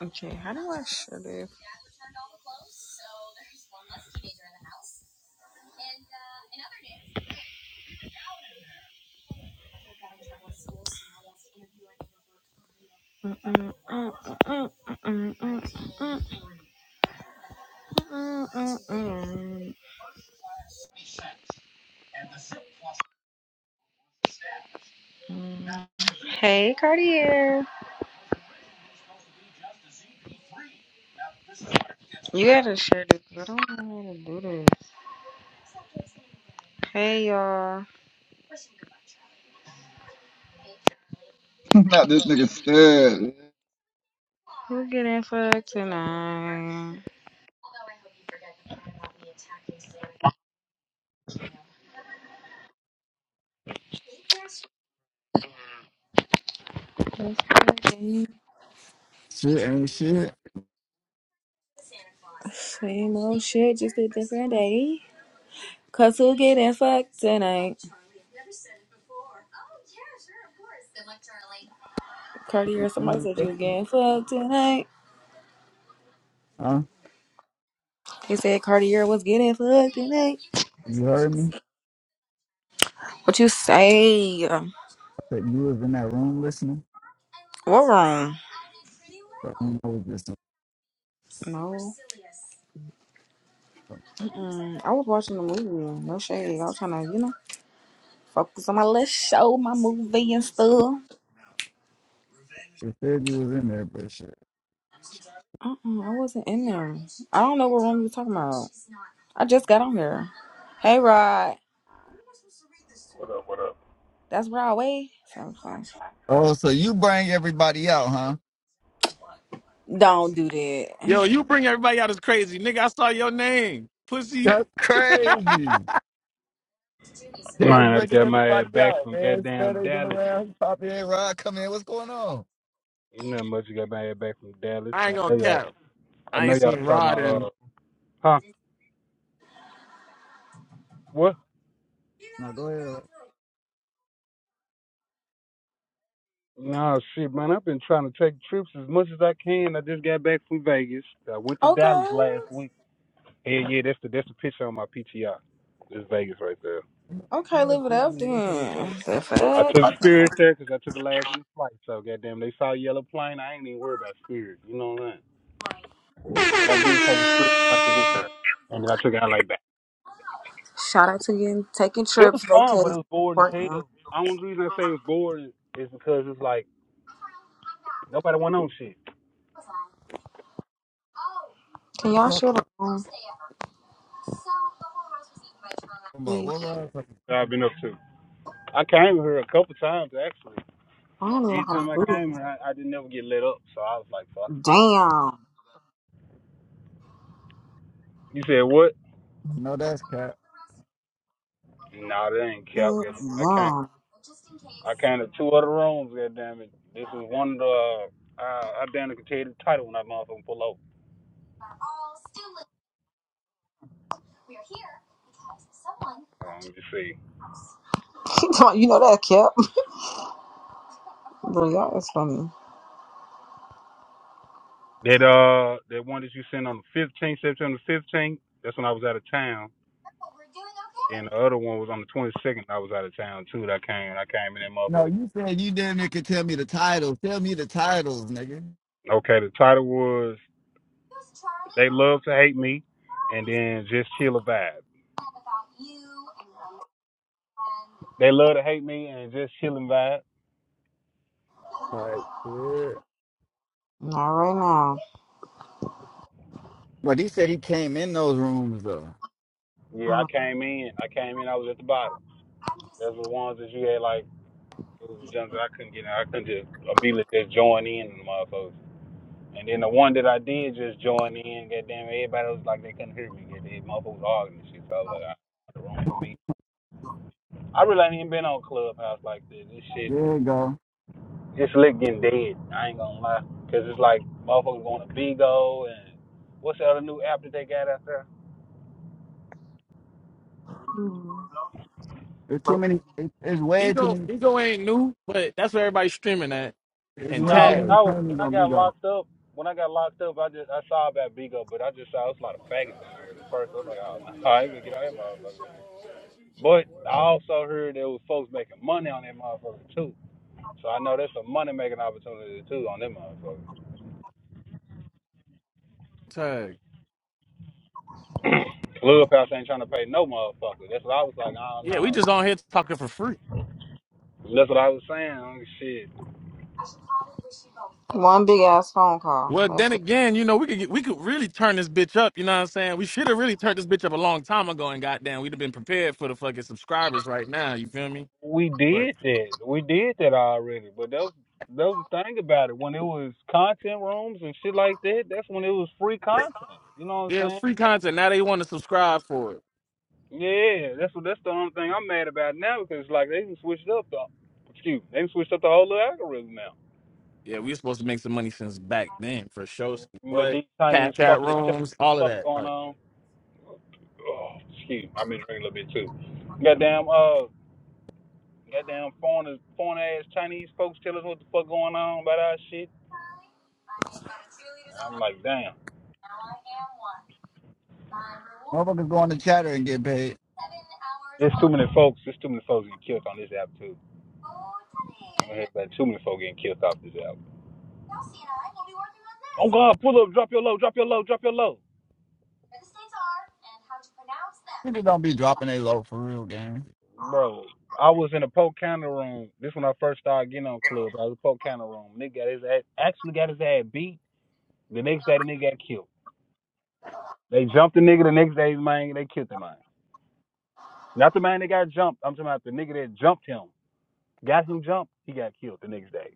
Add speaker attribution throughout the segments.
Speaker 1: Okay, how do I shut it? Mm-mm, mm-mm, mm-mm, mm-mm, mm-mm, mm-mm, mm-mm, mm-mm. Hey, Cartier. You gotta share this. 'cause I don't know how to do this. Hey, y'all.
Speaker 2: Not this nigga stud.
Speaker 1: Who getting fucked tonight? That's Friday.
Speaker 2: Shit ain't shit.
Speaker 1: Same old shit, just a different day. Cause who getting fucked tonight? Cartier, somebody
Speaker 2: Huh?
Speaker 1: said you was getting fucked tonight. He said Cartier was getting fucked tonight.
Speaker 2: You heard me?
Speaker 1: What you say?
Speaker 2: I said you was in that room listening.
Speaker 1: What wrong?
Speaker 2: So I don't know what this
Speaker 1: No. Mm-mm. I was watching the movie. No shade. I was trying to, you know, focus on my little show, my movie and stuff.
Speaker 2: It said you was in there, but shit.
Speaker 1: Mm-mm, I wasn't in there. I don't know what room you're talking about. I just got on here. Hey, Rod. That's Broadway. So, so.
Speaker 2: Oh, so you bring everybody out, huh?
Speaker 1: Don't do that.
Speaker 3: Yo, you bring everybody out as crazy. Nigga, I saw your name. Pussy.
Speaker 2: That's crazy. Jazz
Speaker 4: Man, I just
Speaker 2: bringing
Speaker 4: got my ass
Speaker 2: everybody
Speaker 4: back
Speaker 2: out,
Speaker 4: from
Speaker 2: man. Stud
Speaker 4: goddamn
Speaker 2: ain't been
Speaker 4: Dallas.
Speaker 2: around. Poppy ain't Rod come in. What's going on?
Speaker 4: You know how much I got my ass back from Dallas.
Speaker 3: I
Speaker 4: I
Speaker 3: ain't gonna
Speaker 4: know y'all,
Speaker 3: cap.
Speaker 4: I
Speaker 3: I
Speaker 4: know
Speaker 3: ain't
Speaker 4: y'all
Speaker 3: seen
Speaker 4: saw my,
Speaker 3: Rod and
Speaker 4: uh, huh? What?
Speaker 2: No, go ahead. Rod.
Speaker 4: No, shit, man. I've been trying to take trips as much as I can. I just got back from Vegas. I went to Dallas
Speaker 1: Okay.
Speaker 4: last week. Yeah, yeah, that's the that's the picture on my PTR. It's Vegas right there.
Speaker 2: You must you
Speaker 1: Okay, live
Speaker 2: must
Speaker 1: it
Speaker 2: be
Speaker 1: up
Speaker 2: on the listening
Speaker 1: then.
Speaker 2: first.
Speaker 1: The
Speaker 4: I
Speaker 1: fuck?
Speaker 4: took Spirit there because I took a last minute flight. So goddamn, they saw a yellow plane. I ain't even worried about Spirit. You know what I'm saying? What I did, take a Spirit flight to get there, and then I took an LA back.
Speaker 1: Shout out to you. Taking
Speaker 4: It was
Speaker 1: trips,
Speaker 4: fun,
Speaker 1: vacations,
Speaker 4: but it
Speaker 1: is
Speaker 4: was boring as
Speaker 1: important.
Speaker 4: hell. The Only reason I say it was boring is because it's like nobody went on shit
Speaker 1: Can
Speaker 2: You
Speaker 1: y'all share the
Speaker 2: talking
Speaker 1: room,
Speaker 2: about
Speaker 1: please?
Speaker 2: what Rod? talking
Speaker 4: that I've been up to. I came here a couple times actually.
Speaker 1: I don't even know
Speaker 4: Each
Speaker 1: how to
Speaker 4: time I
Speaker 1: do it.
Speaker 4: came here, I, I didn't ever get let up, so I was like, "Fuck."
Speaker 1: Damn.
Speaker 4: You said what?
Speaker 2: about? No, that's cat.
Speaker 4: Nah, that ain't cap. Goddamn. I came.
Speaker 1: Damn.
Speaker 4: I came to two other rooms. Goddamn it. This was one of the. Uh, I I damn near can tell you the title when I motherfucking pull up. Hold on, let me see.
Speaker 1: you know that, Kip. But y'all is funny.
Speaker 4: That uh, that one that you sent on the fifteenth, September fifteenth. That's when I was out of town And the other one was on the 22nd. I was out of town too. That I came. I came in that
Speaker 2: No,
Speaker 4: motherfucker.
Speaker 2: you said you damn near could tell me the titles. Tell me the titles, nigga.
Speaker 4: Okay, the title was "They Love to Hate Me," and then just chill a vibe. They love to hate me and just chilling vibe.
Speaker 2: Like, yeah.
Speaker 1: Not right now.
Speaker 2: But he said he came in those rooms though.
Speaker 4: Yeah, I came in. I came in. I was at the bottom. Those were the ones that you had like it was the jumps that I couldn't get. in. I couldn't just immediately just join in, and motherfuckers. And then the one that I did just join in, goddamn, everybody was like they couldn't hear me. Goddamn, motherfuckers arguing and shit. So I was like, I, wrong for me. I really ain't even been on Clubhouse like this. This shit
Speaker 2: There you go.
Speaker 4: It's lit getting dead. I ain't gonna lie, cause it's like motherfuckers going to bingo and what's the other new app that they got out there?
Speaker 1: Mhm.
Speaker 2: There's too many. It, it's way too
Speaker 3: Ego.
Speaker 2: many.
Speaker 3: Ego ain't new, but that's where everybody's streaming at.
Speaker 2: It's
Speaker 3: And
Speaker 2: way
Speaker 4: Nah,
Speaker 2: too
Speaker 4: when
Speaker 3: tag.
Speaker 2: many
Speaker 4: I was
Speaker 2: trainers
Speaker 4: when I
Speaker 2: don't be
Speaker 4: got
Speaker 2: going.
Speaker 4: locked up, when I got locked up, I just I saw about bingo, but I just saw it's a lot of faggots on there at first. I
Speaker 5: That's
Speaker 4: was
Speaker 5: it.
Speaker 4: like, oh no, I ain't gonna get
Speaker 5: That's
Speaker 4: on that
Speaker 5: it. That's it.
Speaker 4: motherfucker. But
Speaker 5: That's it.
Speaker 4: I also heard there was folks making money on that motherfucker too. So I know that's a money making opportunity too on that motherfucker.
Speaker 3: Tag.
Speaker 4: Clubhouse ain't trying to pay no motherfucker. That's what I was like, oh
Speaker 3: Yeah, we
Speaker 4: no.
Speaker 3: just on here talking for free.
Speaker 4: That's what I was saying. Shit.
Speaker 1: One big ass phone call.
Speaker 3: Well, then
Speaker 1: That's it.
Speaker 3: again, you know, we could get, we could really turn this bitch up, you know what I'm saying? We should have really turned this bitch up a long time ago and goddamn, we'd have been prepared for the fucking subscribers right now, you feel me?
Speaker 4: we
Speaker 3: But
Speaker 4: did that. We did that already. But that was that was the thing about it. When it was content rooms and shit like that, that's when it was free content. You know what
Speaker 3: yeah, it's
Speaker 4: I'm saying?
Speaker 3: free content. Now they want to subscribe for it.
Speaker 4: Yeah, that's what that's the only thing I'm mad about now because it's like they done switched up the excuse me, they done switched up the whole little algorithm now.
Speaker 3: Yeah, we were supposed to make some money since back then for shows.
Speaker 4: You let
Speaker 3: What?
Speaker 4: these Chinese
Speaker 3: Cat chat
Speaker 4: fuckers tell us
Speaker 3: rooms, all of
Speaker 4: what the fuck
Speaker 3: that.
Speaker 4: going
Speaker 3: Like,
Speaker 4: on. Oh, excuse me, I've been drinking a little bit too. Goddamn uh goddamn foreign foreign ass Chinese folks tell us what the fuck going on about our shit. And I'm like, damn.
Speaker 2: Motherfuckers go on the chatter and get paid.
Speaker 4: There's too many folks. There's too many folks getting killed on this app too. I'm gonna hear too many folks getting killed off this app. Oh God, pull up, drop your low, drop your low, drop your low,
Speaker 2: Niggas don't be dropping they low for real, gang.
Speaker 4: bro. I was in a Polk County room. This when I first started getting on club. I was in a Polk County room. Nigga got his ass, actually got his ass beat. The next day, the nigga got killed. They jumped the nigga. The next day, man, they killed the man. Not the man that got jumped. I'm talking about the nigga that jumped him. Got him jumped. He got killed the next day.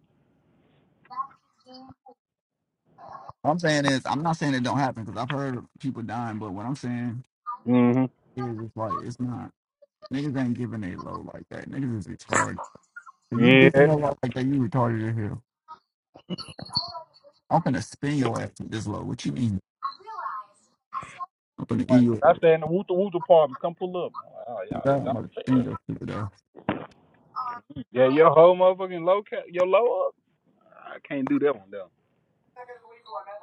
Speaker 2: What I'm saying is, I'm not saying it don't happen because I've heard of people dying, but what I'm saying
Speaker 4: hmm
Speaker 2: is, it's like it's not. Niggas ain't giving a low like that. Niggas is retarded. If you giving
Speaker 4: Yeah.
Speaker 2: your low like that, you retarded as hell. I'm gonna spin your ass with this low. What you mean? I'm gonna give
Speaker 4: Like,
Speaker 2: you.
Speaker 4: I
Speaker 2: a-
Speaker 4: stay in the Wooter Wooter apartments. Come pull up. like,
Speaker 2: I'm
Speaker 4: oh, y'all,
Speaker 2: gonna spin
Speaker 4: y'all.
Speaker 2: your stupid ass.
Speaker 4: Yeah, your whole motherfucking low cap, your low up. Nah, I can't do that one though.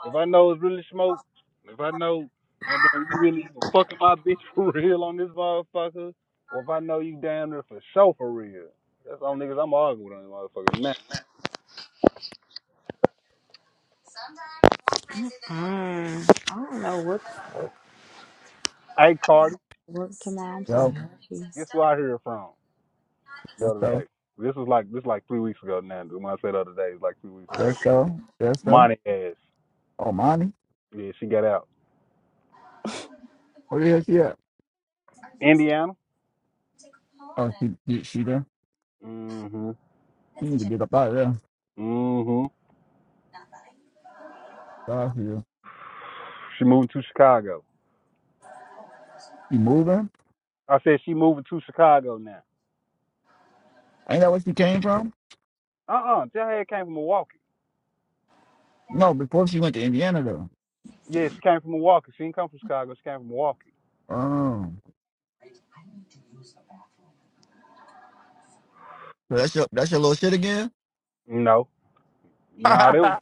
Speaker 4: If I know it's really smoke, if I know, and then you really fucking my bitch for real on this motherfucker, or if I know you damn near for sure for real, that's all niggas I'm arguing with on this motherfucker now.
Speaker 1: Mm. I don't know what
Speaker 4: Hey Cardi,
Speaker 1: what tomorrow. I'm so
Speaker 2: Yup.
Speaker 1: happy.
Speaker 4: guess where I heard from the
Speaker 2: Yes,
Speaker 4: other
Speaker 2: so.
Speaker 4: day? This was like this like three weeks ago now. When I said the other day, it's like three weeks
Speaker 2: Yes,
Speaker 4: ago.
Speaker 2: so. Yes, so.
Speaker 4: Monty ass,
Speaker 2: Oh, mommy.
Speaker 4: yeah, she got out.
Speaker 2: Where the hell she at?
Speaker 4: Indiana.
Speaker 2: Oh, she, she, she there.
Speaker 4: mm Mhm.
Speaker 2: She need to get up out of there.
Speaker 4: mm Mhm.
Speaker 2: Sorry, she, there.
Speaker 4: She moved to Chicago.
Speaker 2: she moving?
Speaker 4: I said she moving to Chicago now.
Speaker 2: Ain't that where she came from?
Speaker 4: Uh uh tell her it came from Milwaukee.
Speaker 2: No, before she went to Indiana, though.
Speaker 4: Yeah, she came from Milwaukee. She didn't come from Chicago. She came from Milwaukee.
Speaker 2: Oh. So that's your, that's your little shit again?
Speaker 4: You know, no,
Speaker 2: so
Speaker 4: nah, they was,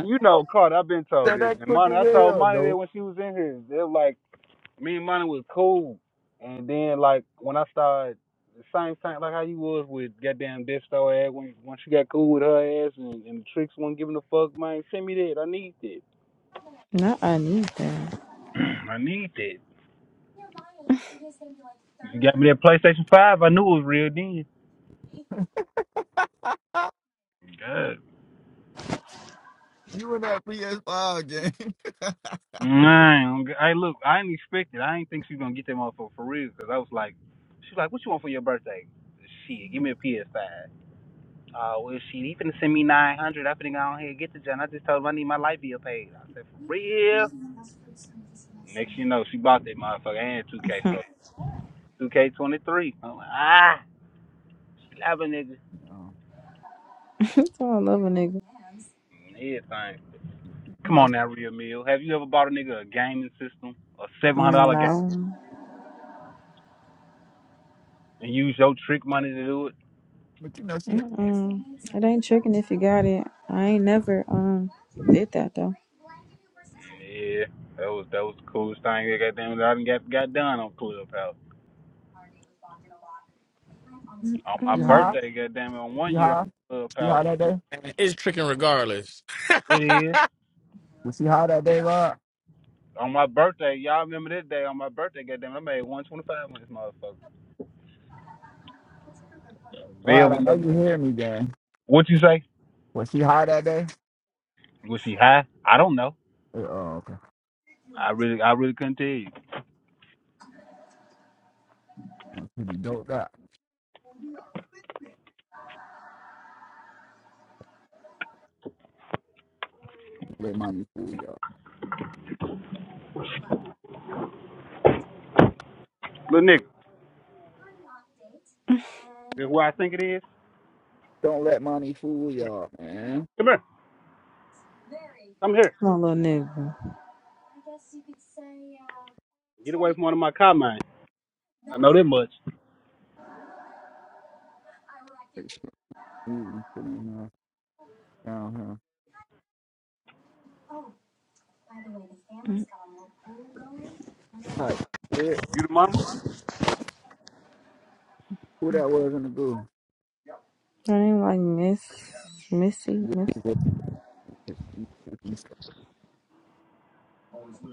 Speaker 4: you know, Carter. I've been told this,
Speaker 2: that
Speaker 4: and
Speaker 2: quick
Speaker 4: Monty.
Speaker 2: as
Speaker 4: I told
Speaker 2: hell,
Speaker 4: Monty that
Speaker 2: dope.
Speaker 4: when she was in here, they were like me and Monty was cool, and then like when I started. The same thing, like how you was with goddamn Desto ass when once she got cool with her ass and, and the tricks wasn't giving a fuck, man. Send me that. I need that.
Speaker 1: Not I need that.
Speaker 2: Oh.
Speaker 4: I need that. She got me that PlayStation Five. I knew it was real then. God
Speaker 2: You in that PS5 game.
Speaker 4: Man, hey, look, I didn't expect it. I didn't think she was gonna get that motherfucker for real. Cause I was like, she like, what you want for your birthday? Shit, give me a PS5. Oh, well, shit, he finna send me 900. I finna go on here and get the John. I just told him I need my light bill paid. I said, for real? Next thing you know, she bought that motherfucker and 2K
Speaker 1: I
Speaker 4: for 2K23. I'm like, ah, slapping nigga.
Speaker 2: no.
Speaker 1: love a nigga.
Speaker 4: Mm, Everything.
Speaker 2: You
Speaker 4: Come
Speaker 2: know,
Speaker 4: on now,
Speaker 2: she-
Speaker 4: real meal. Have you ever bought a nigga a gaming system, a $700 game,
Speaker 1: No.
Speaker 4: and use your trick money to do it?
Speaker 2: but you know, she,
Speaker 1: Mm-mm. It ain't tricking if you got it. I ain't never um did that though.
Speaker 4: Yeah, that was that was the coolest thing that goddamn that I done got got done on Clubhouse. On my
Speaker 2: she
Speaker 1: Mm,
Speaker 2: high?
Speaker 4: birthday, goddamn it, on
Speaker 2: She
Speaker 4: one year on
Speaker 2: high? She
Speaker 4: Clubhouse,
Speaker 2: high that day?
Speaker 3: man, it's tricking regardless.
Speaker 4: it is.
Speaker 2: Was she high that day, Rod?
Speaker 4: On my birthday, y'all remember this day? On my birthday, goddamn, it, I made one twenty five on this motherfucker. Velvet,
Speaker 2: Rod, I know
Speaker 4: lady.
Speaker 2: you hear me, gang.
Speaker 4: what you say?
Speaker 2: Was she high that day?
Speaker 4: Was she high? I don't know.
Speaker 2: Uh, Oh, okay.
Speaker 4: I really, I really couldn't tell you.
Speaker 2: Really, Don't that. Let money fool y'all.
Speaker 4: Little nigga, this where I think it is.
Speaker 2: Don't let money fool y'all, man.
Speaker 4: Come here, come here.
Speaker 1: My little nigga.
Speaker 4: Get away from one of my car mines. I know that much.
Speaker 2: It's easy for them, uh, down here.
Speaker 1: mm.
Speaker 2: Hi. eh,
Speaker 4: You the mama?
Speaker 2: Who that was in the goo?
Speaker 1: I ain't like Miss Missy
Speaker 2: Get
Speaker 1: Miss.
Speaker 2: these other people. Let's see if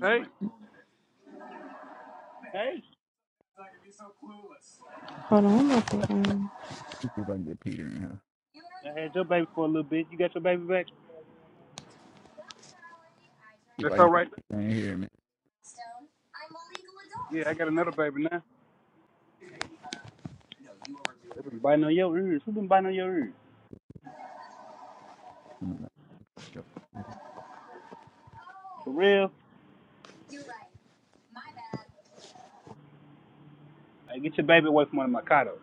Speaker 4: Hey, hey.
Speaker 1: Hold on, I'm about to um,
Speaker 2: I can get Peter in here.
Speaker 4: I had your baby for a little bit. You got your baby back?
Speaker 2: See if I
Speaker 4: That's
Speaker 2: can
Speaker 4: all
Speaker 2: get
Speaker 4: right.
Speaker 2: Peter in here, man.
Speaker 4: Yeah, I got another baby now. They been biting on your ears. Who been biting on your ears?
Speaker 2: No, no, no.
Speaker 4: For real? Hey, get your baby away from under my condo.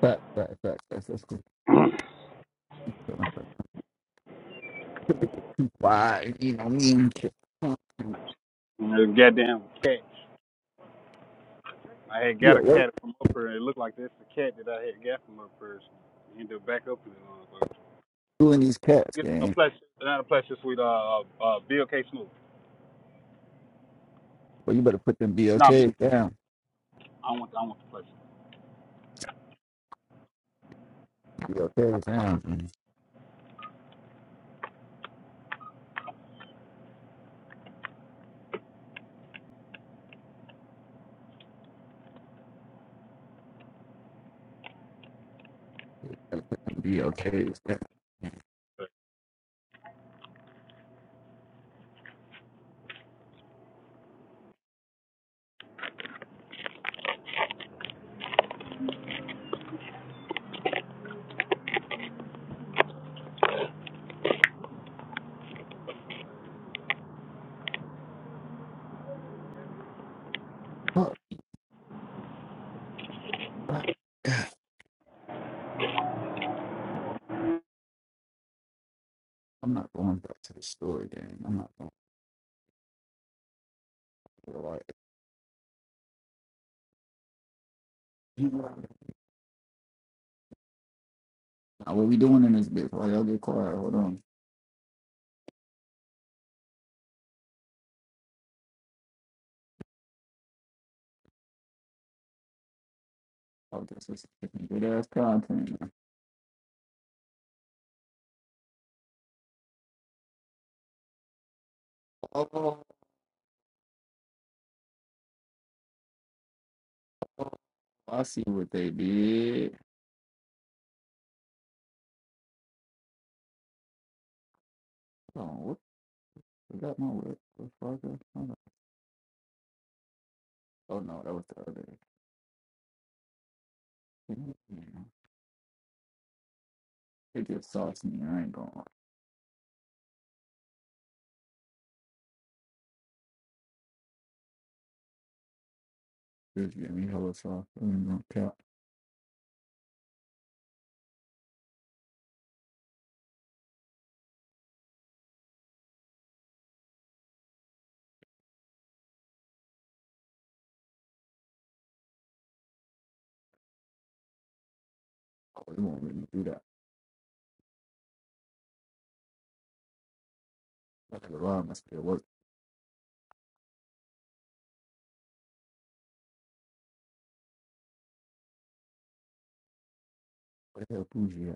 Speaker 2: Fact, fact, fact. That's, that's cool. Why? You know, me and Kit-
Speaker 4: Those goddamn cats. I had
Speaker 2: Yeah,
Speaker 4: got a
Speaker 2: what
Speaker 4: cat from up here. It looked like that's the cat that I had got from up here. He ended up back up in the motherfucker.
Speaker 2: doing these cats,
Speaker 4: Get a
Speaker 2: gang?
Speaker 4: pleasure, not a pleasure, sweet. Uh, uh, Bill K. Snoop.
Speaker 2: Well, you better put them
Speaker 4: Nah, Bill
Speaker 2: BLKs
Speaker 4: K.
Speaker 2: down.
Speaker 4: I want, I want the pleasure.
Speaker 2: BLKs down. man. BLKs down. Fuck. I'm not going back to the story, gang. I'm not going to like now, what we doing in this bitch? Why y'all get quiet? Hold on. Oh, this is fucking good ass content. Oh, I see what they did. Hold on, what is that my whip? What the fuck hold on. Oh no, that was the other. They just sauce me. I ain't gonna just give me hella sauce. I ain't gonna count. Oh, they won't let me do that. I could lie, I must still work. What the hell, Bougie?